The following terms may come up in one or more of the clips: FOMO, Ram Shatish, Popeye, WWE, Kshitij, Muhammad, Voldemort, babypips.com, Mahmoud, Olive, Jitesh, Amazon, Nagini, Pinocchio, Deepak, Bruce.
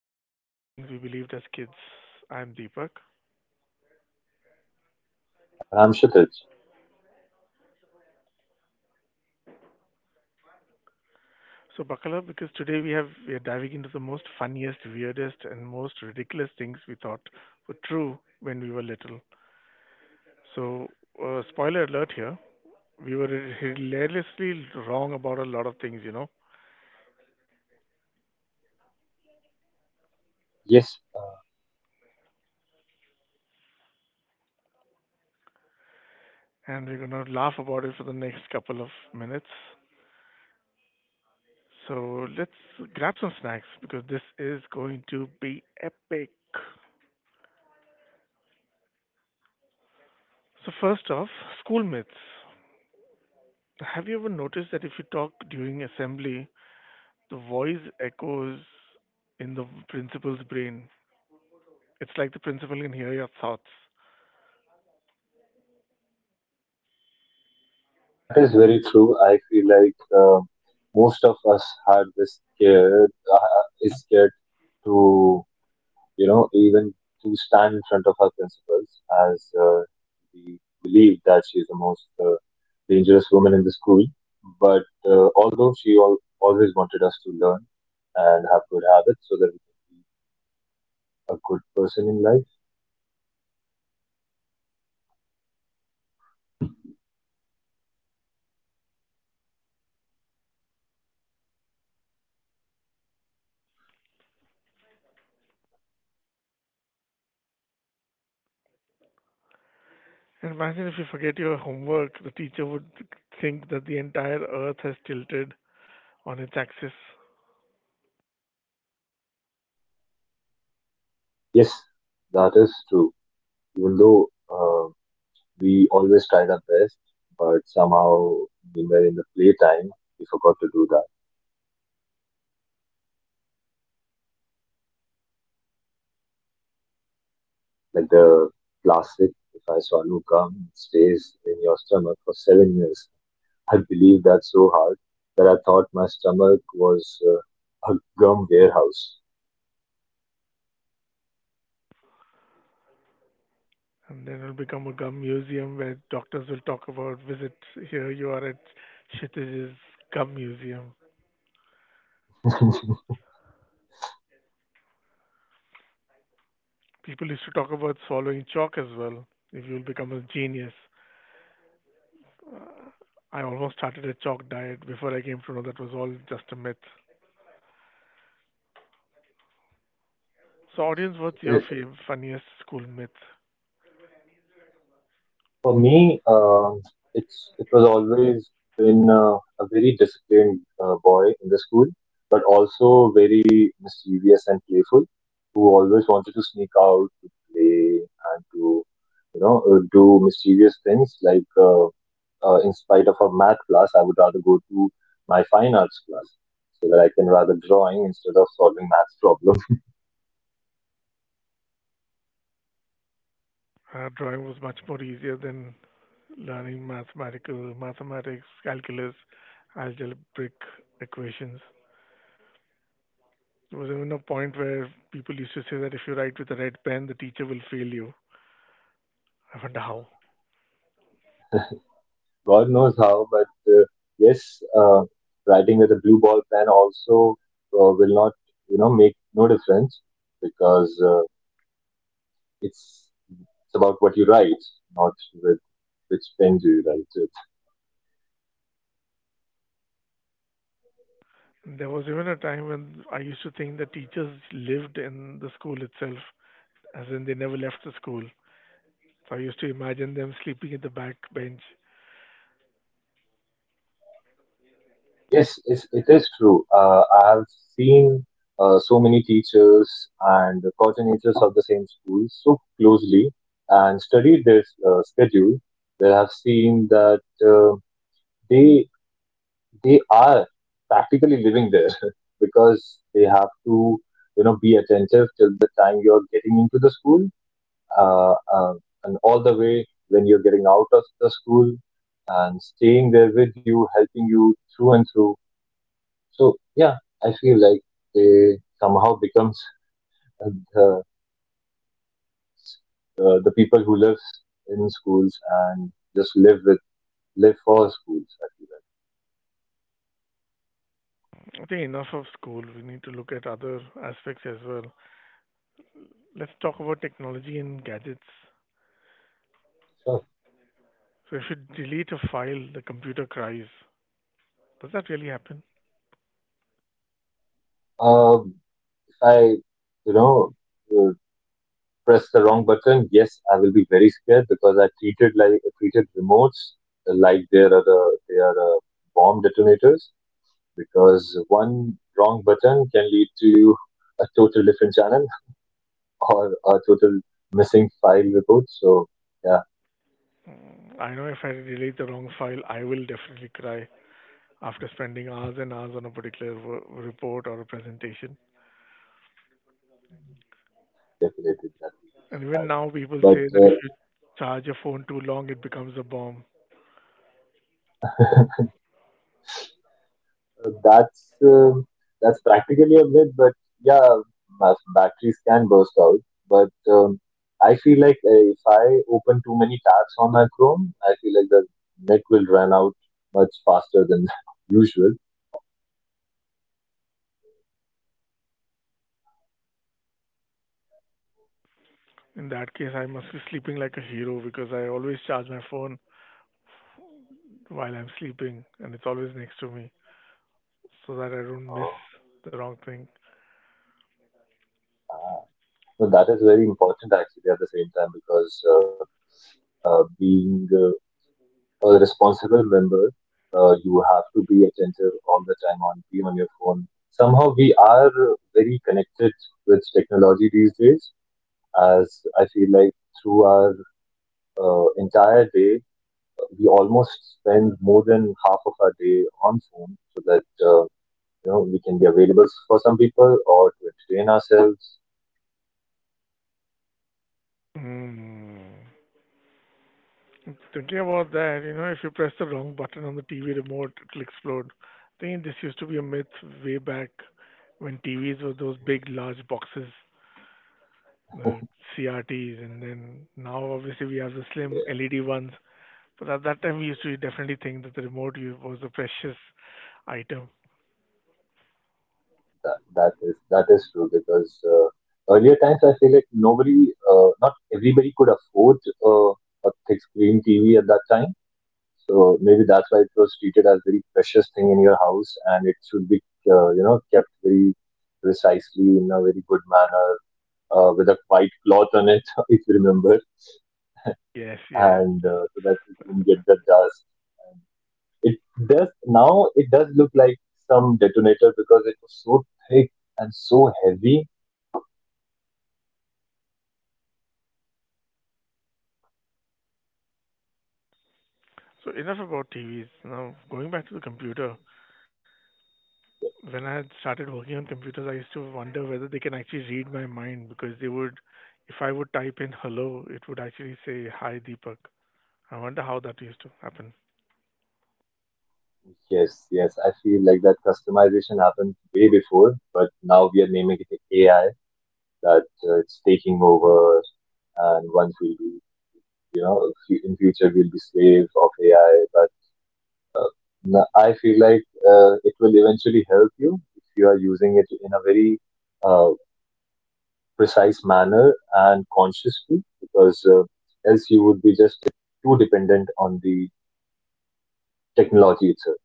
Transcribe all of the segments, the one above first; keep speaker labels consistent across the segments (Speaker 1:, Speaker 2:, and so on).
Speaker 1: ridiculous things we believed as kids. I'm Deepak.
Speaker 2: Ram Shatish.
Speaker 1: So buckle up because today we are diving into the most funniest, weirdest, and most ridiculous things we thought were true when we were little. So spoiler alert here, we were hilariously wrong about a lot of things,
Speaker 2: Yes,
Speaker 1: and we're gonna laugh about it for the next couple of minutes. So let's grab some snacks because this is going to be epic. So first off, school myths. Have you ever noticed that if you talk during assembly, the voice echoes in the principal's brain? It's like the principal can hear your thoughts.
Speaker 2: that is very true. I feel like most of us are this scared, is scared to, you know, even to stand in front of our principals as we believe that she is the most dangerous woman in the school. But although she always wanted us to learn and have good habits so that we can be a good person in life.
Speaker 1: And imagine if you forget your homework, the teacher would think that the entire earth has tilted on its axis.
Speaker 2: Yes, that is true. Even though. We always tried our best, but somehow we were in the playtime. We forgot to do that. Like the classic, if I swallow gum, it stays in your stomach for 7 years. I believed that so hard that I thought my stomach was a gum warehouse.
Speaker 1: And then it'll become a gum museum where doctors will talk about visits. Here you are at Kshitij's gum museum. People used to talk about swallowing chalk as well, if you'll become a genius. I almost started a chalk diet before I came to know that was all just a myth. So, audience, what's your funniest school myth?
Speaker 2: For me, it was always been a very disciplined boy in the school, but also very mischievous and playful, who always wanted to sneak out to play and to, you know, do mischievous things. Like in spite of a math class, I would rather go to my fine arts class so that I can rather drawing instead of solving math problems.
Speaker 1: Drawing was much more easier than learning mathematical mathematics, calculus, algebraic equations. There was even a point where people used to say that if you write with a red pen, the teacher will fail you. I wonder how.
Speaker 2: God knows how, but uh, yes, writing with a blue ball pen also will not, you know, make no difference because it's it's about what you write, not with which pen do you write with.
Speaker 1: There was even a time when I used to think that teachers lived in the school itself, as in they never left the school. So I used to imagine them sleeping in the back bench.
Speaker 2: Yes, it's, it is true. I have seen so many teachers and coordinators of the same school so closely and studied their schedule that I've seen that uh, they they are practically living there because they have to, you know, be attentive till the time you're getting into the school uh, uh, and all the way when you're getting out of the school and staying there with you helping you through and through. So yeah, I feel like they somehow becomes uh, the, the people who live in schools and just live with live for schools, I feel like.
Speaker 1: I think enough of school. We need to look at other aspects as well. Let's talk about technology and gadgets.
Speaker 2: Sure.
Speaker 1: So if you delete a file, the computer cries. Does that really happen?
Speaker 2: um, if I, you know, uh, press the wrong button, yes, I will be very scared because I treated like treated remotes like they are bomb detonators, because one wrong button can lead to a total different channel or a total missing file report. So yeah,
Speaker 1: Mm, I know if I delete the wrong file, I will definitely cry after spending hours and hours on a particular report or a presentation.
Speaker 2: definitely that will be the
Speaker 1: And even
Speaker 2: scenario.
Speaker 1: now, people
Speaker 2: But
Speaker 1: say that if you charge your phone too long, it becomes a bomb.
Speaker 2: that's that's practically a myth, but yeah, batteries can burst out. But I feel like if I open too many tabs on my Chrome, I feel like the net will run out much faster than usual.
Speaker 1: In that case, I must be sleeping like a hero because I always charge my phone while I'm sleeping and it's always next to me, so that I don't miss
Speaker 2: Oh,
Speaker 1: the wrong thing.
Speaker 2: uh, no, that is very important actually at the same time, because being a responsible member, you have to be attentive all the time on be on your phone. Somehow we are very connected with technology these days, as I feel like through our entire day, we almost spend more than half of our day on phone so that, you know, we can be available for some people or to entertain ourselves.
Speaker 1: Hmm. Thinking about that, you know, if you press the wrong button on the TV remote, it'll explode. I think this used to be a myth way back when TVs were those
Speaker 2: Yeah,
Speaker 1: big, large boxes, the CRTs, and then now obviously we have the slim LED ones. But at that time, we used to definitely think that the was a precious item.
Speaker 2: that that is true, because earlier times I feel like nobody, not everybody could afford uh, a thick screen TV at that time. So maybe that's why it was treated as very precious thing in your house, and it should be, you know, kept very precisely in a very good manner with a white cloth on it, if you remember,
Speaker 1: Yes, yes.
Speaker 2: and so that it won't get the dust. And it does now. It does look like some detonator because it was so thick and so heavy.
Speaker 1: So enough about TVs. Now going back to the computer, when I had started working on computers, I used to wonder whether they can actually read my mind because they would, if I would type in hello, it would actually say hi Deepak. I wonder how that used to happen.
Speaker 2: Yes, yes, I feel like that customization happened way before, but now we are naming it AI, that it's taking over, and once we'll be, you know, in future we'll be slaves of ai. But I feel like it will eventually help you if you are using it in a very uh, precise manner and consciously, because else you would be just too dependent on the technology itself.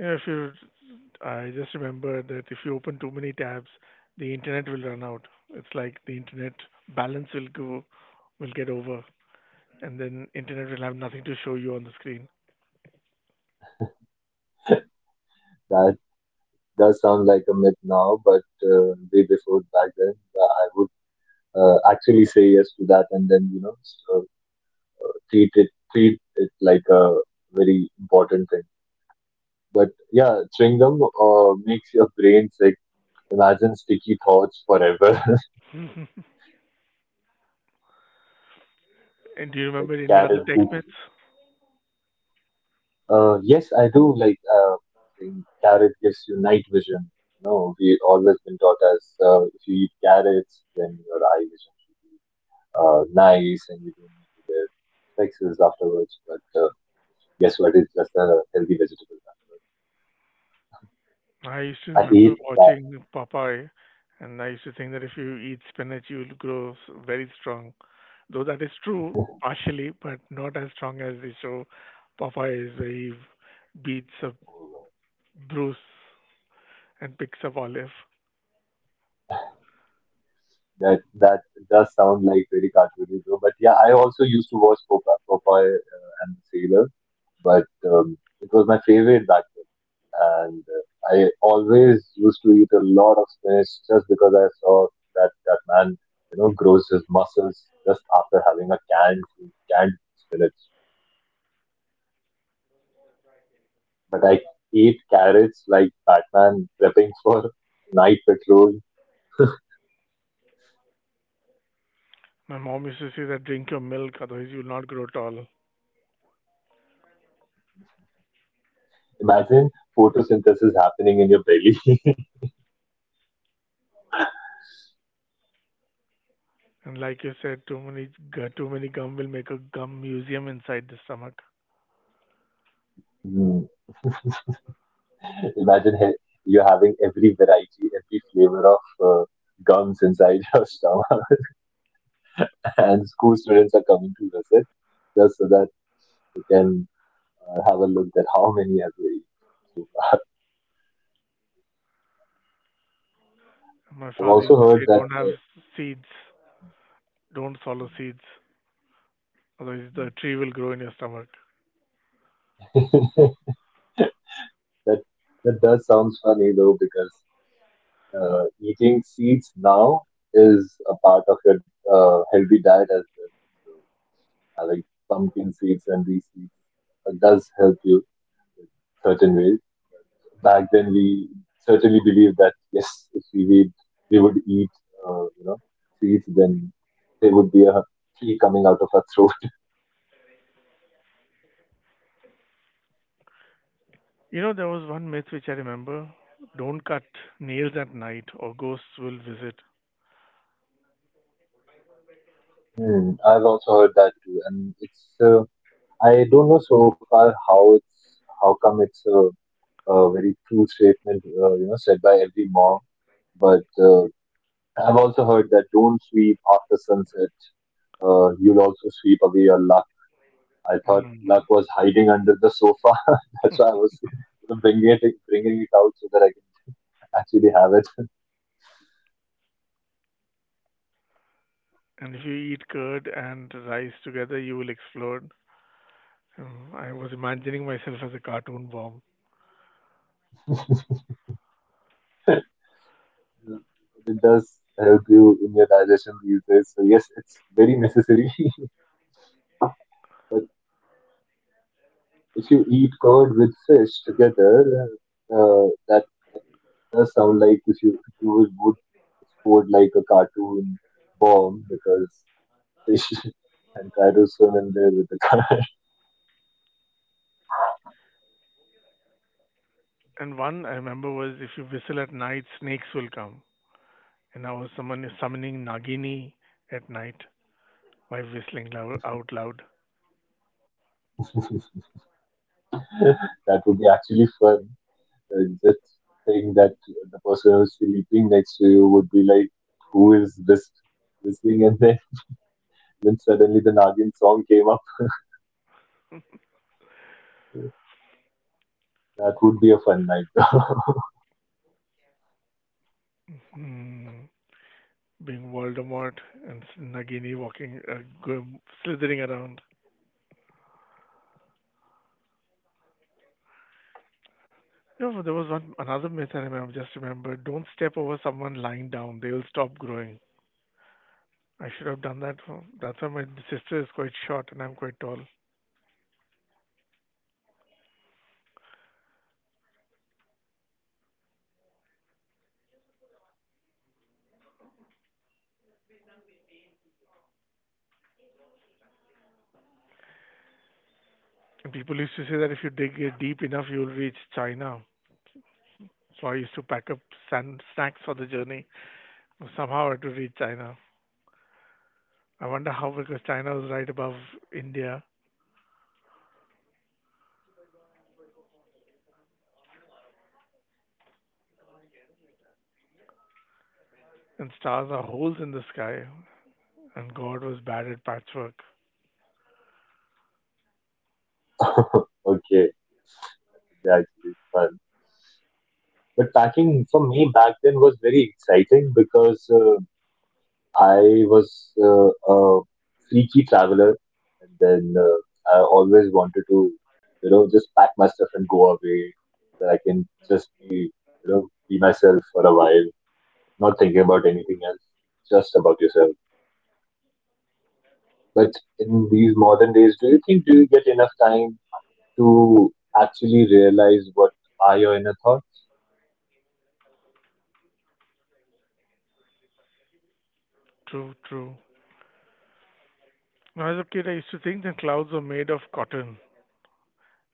Speaker 1: You know, if you, I just remember that if you open too many tabs, the internet will run out. It's like the internet balance will get over, and then internet will have nothing to show you on the screen.
Speaker 2: That does sound like a myth now, but way before back then, I would actually say yes to that, and then you know, treat it like a very important thing. But yeah, chewing gum makes your brain sick. Imagine sticky thoughts forever.
Speaker 1: and do you
Speaker 2: Like
Speaker 1: remember any other
Speaker 2: carrot
Speaker 1: tech
Speaker 2: juice.
Speaker 1: myths?
Speaker 2: Yes, I do like, think carrot gives you night vision. No, we always been taught as, if you eat carrots, then your eye vision should be nice and you don't need to wear spectacles afterwards. But guess what? It's just a healthy vegetable.
Speaker 1: I used to
Speaker 2: I
Speaker 1: remember
Speaker 2: ate
Speaker 1: watching Popeye, and I used to think that if you eat spinach, you'll very strong. Though that is true partially, but not as strong as the show Popeye is, where he beats up
Speaker 2: that.
Speaker 1: Bruce and picks up Olive.
Speaker 2: That that does sound like very cartoony though. But yeah, I also used to watch Popeye, Popeye and the Sailor, but it was my favorite back then, and I always used to eat a lot of spinach just because I saw that that man, you know, grows his muscles just after having a canned spinach. But I eat carrots like Batman prepping for night patrol.
Speaker 1: My mom used to say that drink your milk, otherwise you'll not grow tall.
Speaker 2: Imagine photosynthesis happening in your belly.
Speaker 1: And like you said, too many gum will make a gum museum inside the stomach.
Speaker 2: Imagine you're having every variety, every flavor of uh, gums inside your stomach, and school students are coming to visit just so that they can have a look at how many have they eaten so far.
Speaker 1: My
Speaker 2: I've
Speaker 1: father
Speaker 2: also
Speaker 1: used to
Speaker 2: heard
Speaker 1: say,
Speaker 2: that
Speaker 1: don't have seeds, don't swallow seeds, otherwise the tree will grow in your stomach.
Speaker 2: that that does sound funny though, because eating seeds now is a part of your healthy diet as well. So having pumpkin seeds and these seeds does help you in certain ways. Back then we certainly believed that yes, if we would, we would eat, you know, seeds, then there would be a flea coming out of our throat.
Speaker 1: You know, there was one myth which I remember, don't cut nails at night or ghosts will visit.
Speaker 2: Hmm, I've also heard that too, and it's I don't know so far how it's, how come it's a very true statement, you know, said by every mom, but I've also heard that don't sweep after sunset. You'll also sweep away your life. I thought
Speaker 1: Mm.
Speaker 2: luck was hiding under the sofa. That's why I was, you know, bringing it out so that I can actually have it.
Speaker 1: And if you eat curd and rice together, you will explode. Mm, I was imagining myself as a cartoon bomb.
Speaker 2: It does help you in your digestion these days. So yes, it's very necessary. But if you eat curd with fish together, that does sound like if you would explode like a cartoon bomb, because fish can try to swim in there with the curd.
Speaker 1: And one I remember was if you whistle at night, snakes will come. And I was summoning Nagini at night by whistling out loud.
Speaker 2: That would be actually fun. Uh, just saying that the person who's sleeping next to you would be like, who is this listening? And then, then suddenly the Nagin song came up. That would be a fun night.
Speaker 1: Mm, being Voldemort and Nagini walking, slithering around. No, there was one another myth I remember. Just remember, don't step over someone lying down; they will stop growing. I should have done that. For, that's why my sister is quite short and I'm quite tall. And people used to say that if you dig it deep enough, you'll reach China. So I used to pack up sand, snacks for the journey. Somehow I had to reach China. I wonder how, because China was right above India, and stars are holes in the sky, and God was bad at patchwork.
Speaker 2: Okay, yeah, actually fun. But packing for me back then was very exciting, because I was a freaky traveler, and then I always wanted to, you know, just pack my stuff and go away. That I can just be, you know, be myself for a while, not thinking about anything else, just about yourself. But in these modern days, do you think do you get enough time to actually realize what are your inner thoughts?
Speaker 1: True, true. When I was a kid, I used to think that clouds were made of cotton.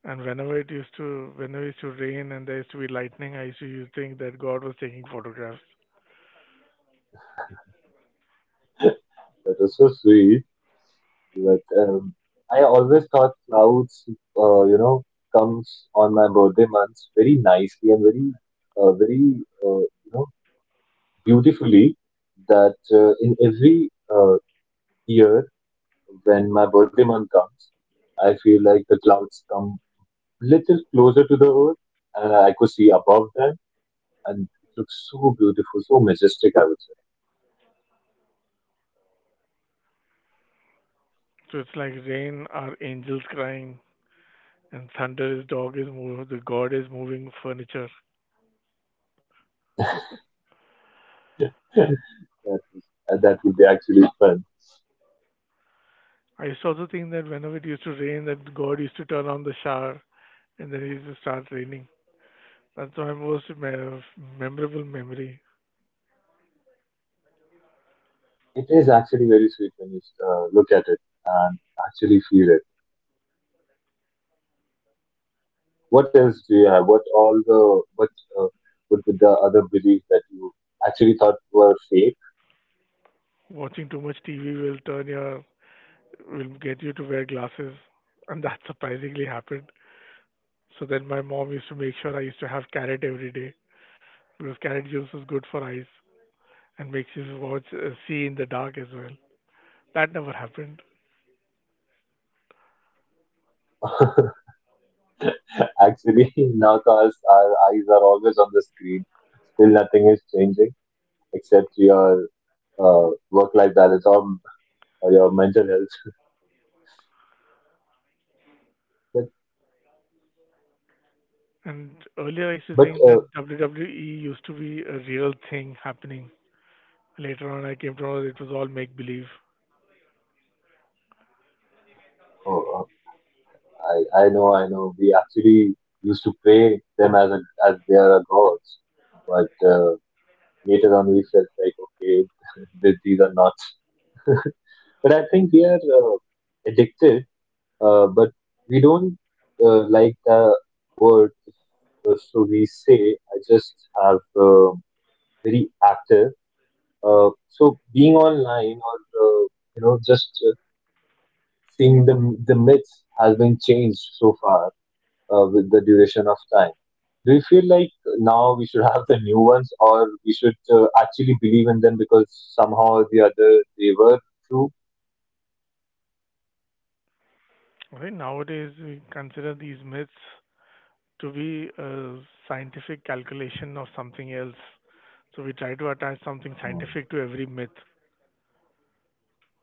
Speaker 1: And whenever it used to rain and there used to be lightning, I used to think that God was taking photographs.
Speaker 2: That was so sweet. But I always thought clouds, you know, comes on my birthday months very nicely and very, uh, very, you know, beautifully. That in every year when my birthday month comes, I feel like the clouds come little closer to the earth, and I could see above them, and it looks so beautiful, so majestic, I would say.
Speaker 1: So it's like rain are angels crying, and thunder is dog is moving, the God is moving furniture.
Speaker 2: Yeah. That is, that would be actually fun.
Speaker 1: I used to also think that whenever it used to rain, that God used to turn on the shower and then it used to start raining. That's my memorable memory.
Speaker 2: It is actually very sweet when you look at it and actually feel it. What else do you have? Uh, what were the other beliefs that you actually thought were fake?
Speaker 1: Watching too much TV will will get you to wear glasses, and that surprisingly happened. So then my mom used to make sure I used to have carrot every day because carrot juice is good for eyes and makes you watch see in the dark as well. That never happened.
Speaker 2: Actually, now cause our eyes are always on the screen. Still, nothing is changing except your work-life balance, or your mental health. But
Speaker 1: And earlier I used to
Speaker 2: but
Speaker 1: think that WWE used to be a real thing happening. Later on I came to know that it was all make believe.
Speaker 2: Oh, oh, I know, I know we actually used to pray them as a, as they are a gods, but later on we felt like, okay, these are not. But I think we are addicted, but we don't like the word, so we say I just have very active. So being online or, uh, you know, just seeing the myths has been changed so far with the duration of time. Do you feel like now we should have the new ones, or we should actually believe in them because somehow or the other they were true?
Speaker 1: I think nowadays we consider these myths to be a scientific calculation of something else. So we try to attach something
Speaker 2: Hmm.
Speaker 1: scientific to every myth.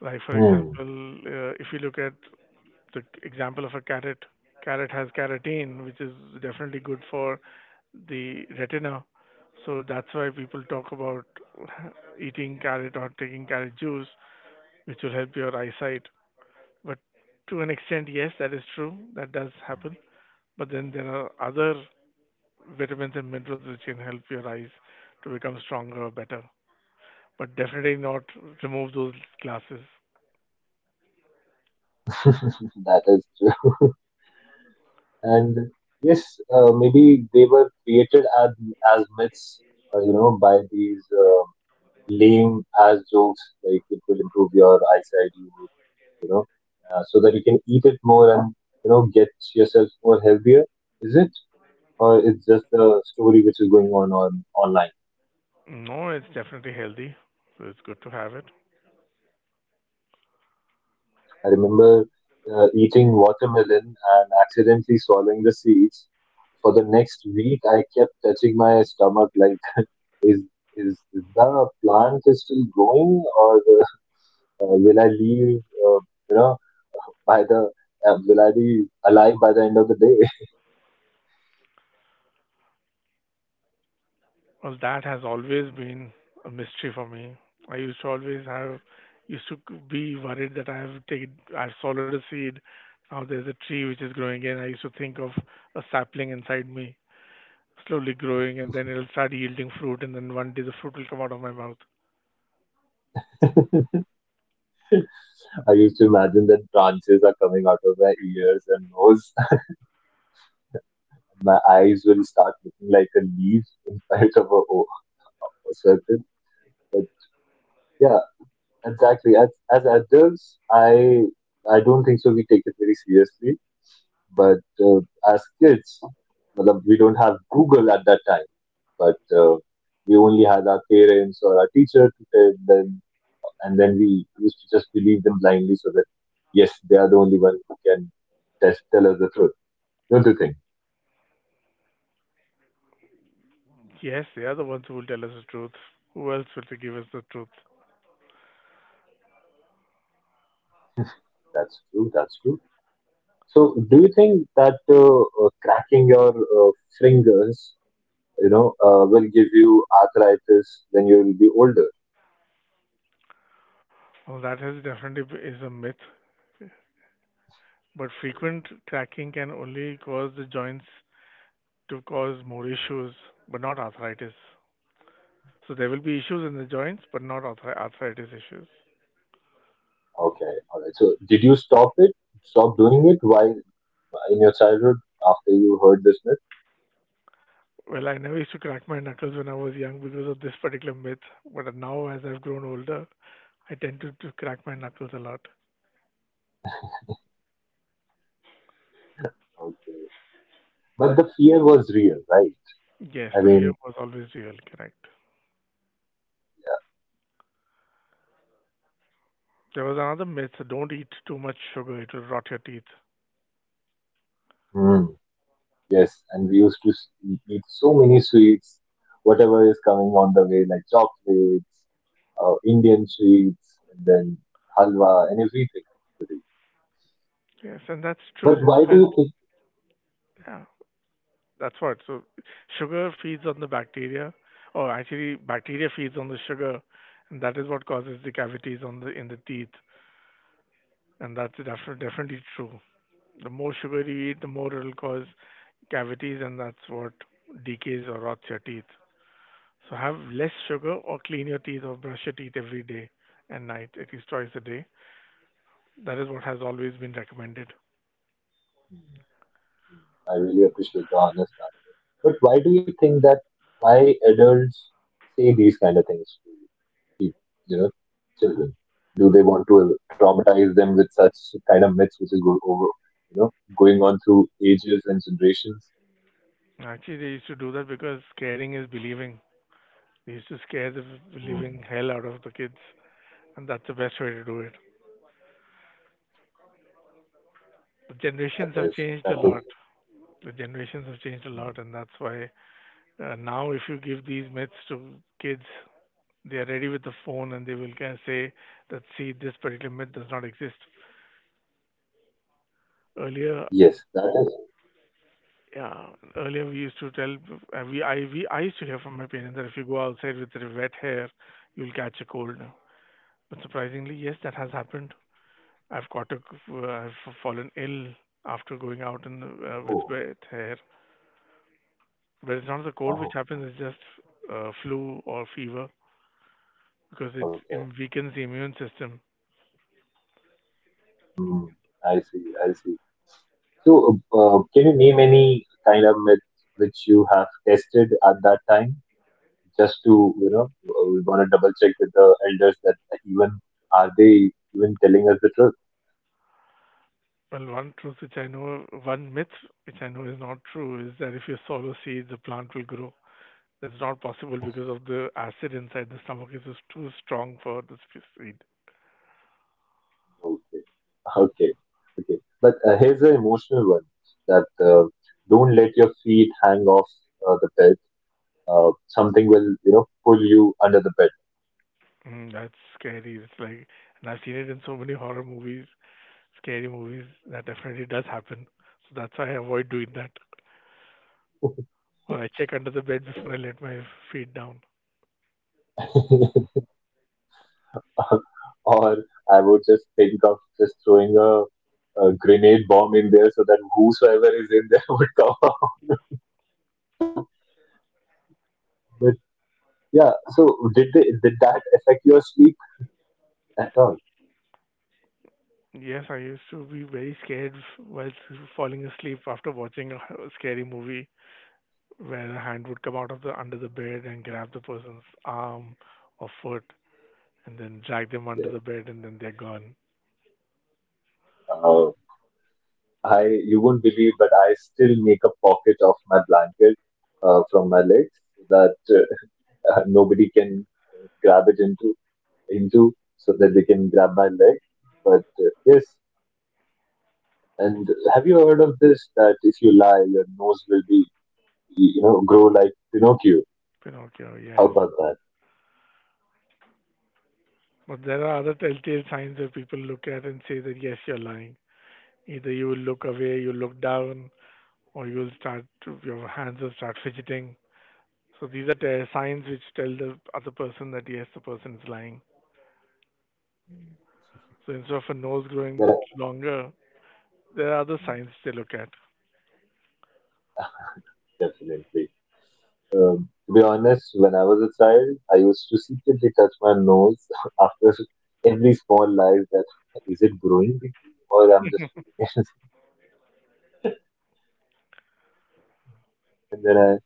Speaker 1: Like for
Speaker 2: Hmm.
Speaker 1: example, if you look at the example of a carrot. Carrot has carotene, which is definitely good for the retina. So that's why people talk about eating carrot or taking carrot juice, which will help your eyesight. But to an extent, yes, that is true. That does happen. But then there are other vitamins and minerals which can help your eyes to become stronger or better. But definitely not remove those glasses.
Speaker 2: That is true. And yes, maybe they were created as myths, you know, by these lame as jokes. Like it will improve your eyesight, you would, you know, so that you can eat it more and get yourself more healthier. Is it? Or it's just a story which is going on online.
Speaker 1: No, it's definitely healthy. So it's good to have it.
Speaker 2: I remember eating watermelon and accidentally swallowing the seeds. For the next week, I kept touching my stomach like, is is the plant is still growing, or will I leave? You know, by the Will I be alive by the end of the day?
Speaker 1: Well, that has always been a mystery for me. I used to used to be worried that I've swallowed a seed. Now there's a tree which is growing, and I used to think of a sapling inside me, slowly growing, and then it'll start yielding fruit, and then one day the fruit will come out of my mouth.
Speaker 2: I used to imagine that branches are coming out of my ears and nose. My eyes will start looking like a leaf in spite of a certain. But yeah, exactly. As adults, I don't think so. We take it very seriously, but as kids, matlab, we don't have Google at that time, but we only had our parents or our teacher to tell them, and then we used to just believe them blindly, so that yes, they are the only one who can test tell us the truth. Don't you think?
Speaker 1: Yes, they are the ones who will tell us the truth. Who else will they give us the truth?
Speaker 2: That's true. That's true. So, do you think that cracking your fingers will give you arthritis when you will be older.
Speaker 1: Well, that has is a myth. But frequent cracking can only cause the joints to cause more issues, but not arthritis. So there will be issues in the joints, but not arthritis issues.
Speaker 2: Okay, all right. So, did you stop it? Stop doing it while in your childhood after you heard this myth?
Speaker 1: Well, I never used to crack my knuckles when I was young because of this particular myth, but now as I've grown older, I to crack my knuckles a lot.
Speaker 2: Okay, but the fear was real, right?
Speaker 1: Yes,
Speaker 2: I
Speaker 1: the fear
Speaker 2: mean,
Speaker 1: was always real, correct. There was another myth, don't eat too much sugar, it will rot your teeth.
Speaker 2: hmm, yes, and we used to eat so many sweets, whatever is coming on the way, like chocolates, Indian sweets, and then halwa and everything.
Speaker 1: Yes, and that's
Speaker 2: But
Speaker 1: true
Speaker 2: why do
Speaker 1: because
Speaker 2: you think?
Speaker 1: yeah, that's what. So sugar feeds on the bacteria, or actually bacteria feeds on the sugar, and that is what causes the cavities on the teeth, and that's definitely true. The more sugar you eat, the more it'll cause cavities, and that's what decays or rots your teeth. So have less sugar or clean your teeth or brush your teeth every day and night, at least twice a day. That is what has always been recommended.
Speaker 2: Hmm, hmm, I really appreciate the honesty. But why do you think that why adults say these kind of things to people, you know, children? Do they want to traumatize them with such kind of myths which is go over, you know, going on through ages and generations?
Speaker 1: Actually, they used to do that because scaring is believing. They used to scare the
Speaker 2: Hmm,
Speaker 1: living hell out of the kids, and that's the best way to do it. The
Speaker 2: that
Speaker 1: generations have
Speaker 2: is,
Speaker 1: changed
Speaker 2: that
Speaker 1: a lot.
Speaker 2: is,
Speaker 1: The generations have changed a
Speaker 2: hmm.
Speaker 1: lot, and that's why now if you give these myths to kids, they are ready with the phone and they will kind of say that, see, this particular myth does not exist. Earlier,
Speaker 2: Yes, that is.
Speaker 1: yeah, earlier we used to tell, I used to hear from my parents that if you go outside with your wet hair, you'll catch a cold. But surprisingly, yes, that has happened. I've caught a, I've fallen ill after going out with
Speaker 2: Oh,
Speaker 1: wet hair. But it's not the cold which
Speaker 2: oh,
Speaker 1: happens, it's just flu or fever because it
Speaker 2: okay.
Speaker 1: weakens the immune system.
Speaker 2: Hmm, I see, I see. So, can you name any kind of myth which you have tested at that time? Just to we want to double check with the elders that even are they even telling us the truth.
Speaker 1: Well, one myth which I know is not true is that if you sow seeds, the plant will grow. That's not possible because of the acid inside the stomach is just too strong for the seed.
Speaker 2: Okay, okay, okay, but here's the emotional one that don't let your feet hang off the bed. Something will pull you under the
Speaker 1: Mm, that's scary. It's like, and I've seen it in so many horror movies, scary movies. That definitely does happen. So that's why I avoid doing that, or I check under the bed before I let my feet down.
Speaker 2: bed. Or I would just think of just throwing a grenade bomb in there so that whosoever is in there would come out. But yeah, so did that affect your sleep at all?
Speaker 1: Yes, I used to be very scared while falling asleep after watching a scary movie where a hand would come out of the under the bed and grab the person's arm or foot and then drag them under
Speaker 2: Yeah.
Speaker 1: the bed and then they're gone.
Speaker 2: uh, I, you won't believe, but I still make a pocket of my blanket from my legs so that nobody can grab it into so that they can grab my leg. But yes, and have you heard of this? That if you lie, your nose will be grow like Pinocchio.
Speaker 1: Pinocchio,
Speaker 2: How
Speaker 1: yes.
Speaker 2: about that?
Speaker 1: But there are other telltale signs that people look at and say that yes, you're lying. Either you will look away, you look down, or you'll your hands will start fidgeting. So these are signs which tell the other person that yes, the person is lying. So instead of a nose
Speaker 2: Yeah,
Speaker 1: growing longer, there are other signs they look at.
Speaker 2: definitely. To be honest, when I was a child, I used to secretly touch my nose after every small life that is it growing deeply or I'm just feeling it. And then I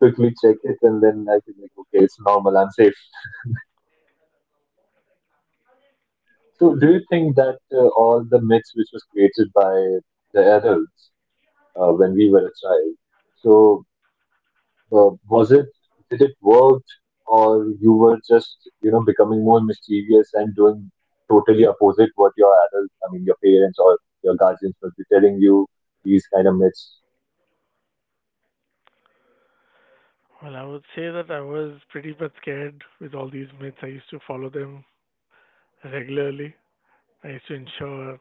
Speaker 2: quickly check it and then I feel like, okay, it's normal, I'm safe. So, do you think that all the myths which was created by the adults when we were a child, so was it did it work or you were just becoming more mischievous and doing totally opposite what your adults, I mean your parents or your guardians must be telling you these kind of myths?
Speaker 1: Well, I would say that I was pretty much scared with all these myths. I used to follow them regularly. I used to ensure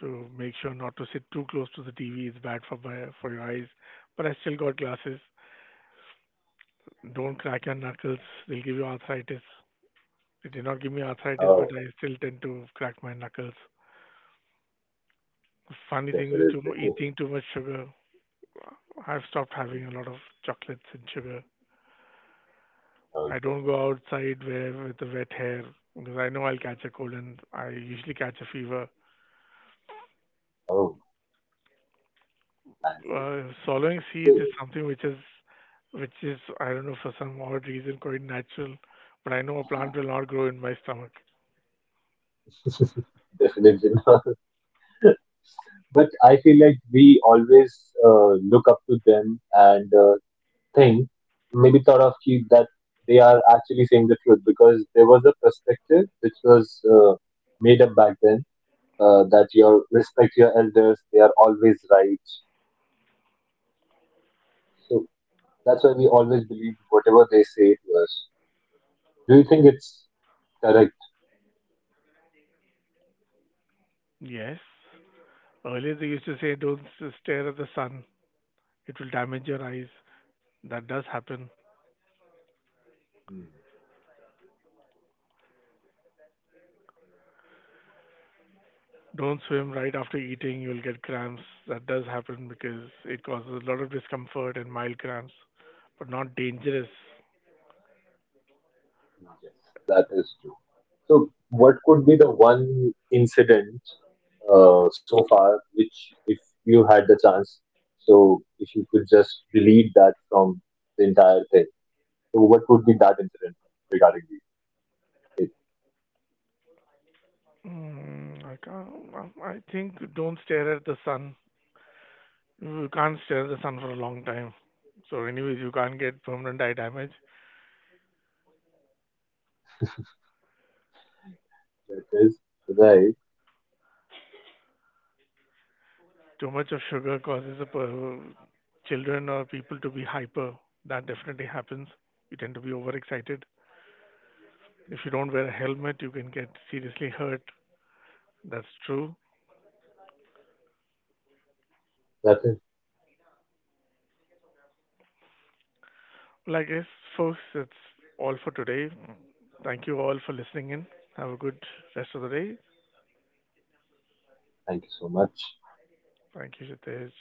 Speaker 1: to make sure not to sit too close to the TV. It's bad for your eyes. But I still got glasses. Don't crack your knuckles. They'll give you arthritis. They did not give me arthritis, but
Speaker 2: Oh,
Speaker 1: I still tend to crack my knuckles. The funny thing is, too,
Speaker 2: definitely. Hmm,
Speaker 1: eating too much sugar. I've stopped having a lot of chocolates and sugar. I
Speaker 2: okay.
Speaker 1: don't go outside where with the wet hair because I know I'll catch a cold and I usually catch a fever.
Speaker 2: Oh, I
Speaker 1: Swallowing seeds is something which is I don't know for some odd reason quite natural, but I know a plant will not grow in my stomach.
Speaker 2: see. Definitely not. But I feel like we always look up to them and thing, maybe thought of ki that they are actually saying the truth because there was a perspective which was made up back then, that your respect your elders, they are always right. So that's why we always believe whatever they say to us. Do you think it's correct?
Speaker 1: Yes. Earlier they used to say don't s- stare at the sun; it will damage your eyes. That does happen.
Speaker 2: Hmm.
Speaker 1: Don't swim right after eating; you'll get cramps. That does happen because it causes a lot of discomfort and mild cramps, but not dangerous.
Speaker 2: Yes, that is true. So what could be the one incident so far which if you had the chance so if you could just delete that from the entire thing. So what would be that incident regarding the? It,
Speaker 1: Mm, I can't. I think don't stare at the sun. You can't stare at the sun for a long time. So, anyways, you can't get permanent eye damage.
Speaker 2: it is right.
Speaker 1: Too much of sugar causes a children or people to be hyper. That definitely happens. You tend to be overexcited. If you don't wear a helmet, you can get seriously hurt. That's true.
Speaker 2: That is.
Speaker 1: Well, I guess, folks, that's all for today. Thank you all for listening in. Have a good rest of the day.
Speaker 2: Thank you so much.
Speaker 1: Thank you, Jitesh.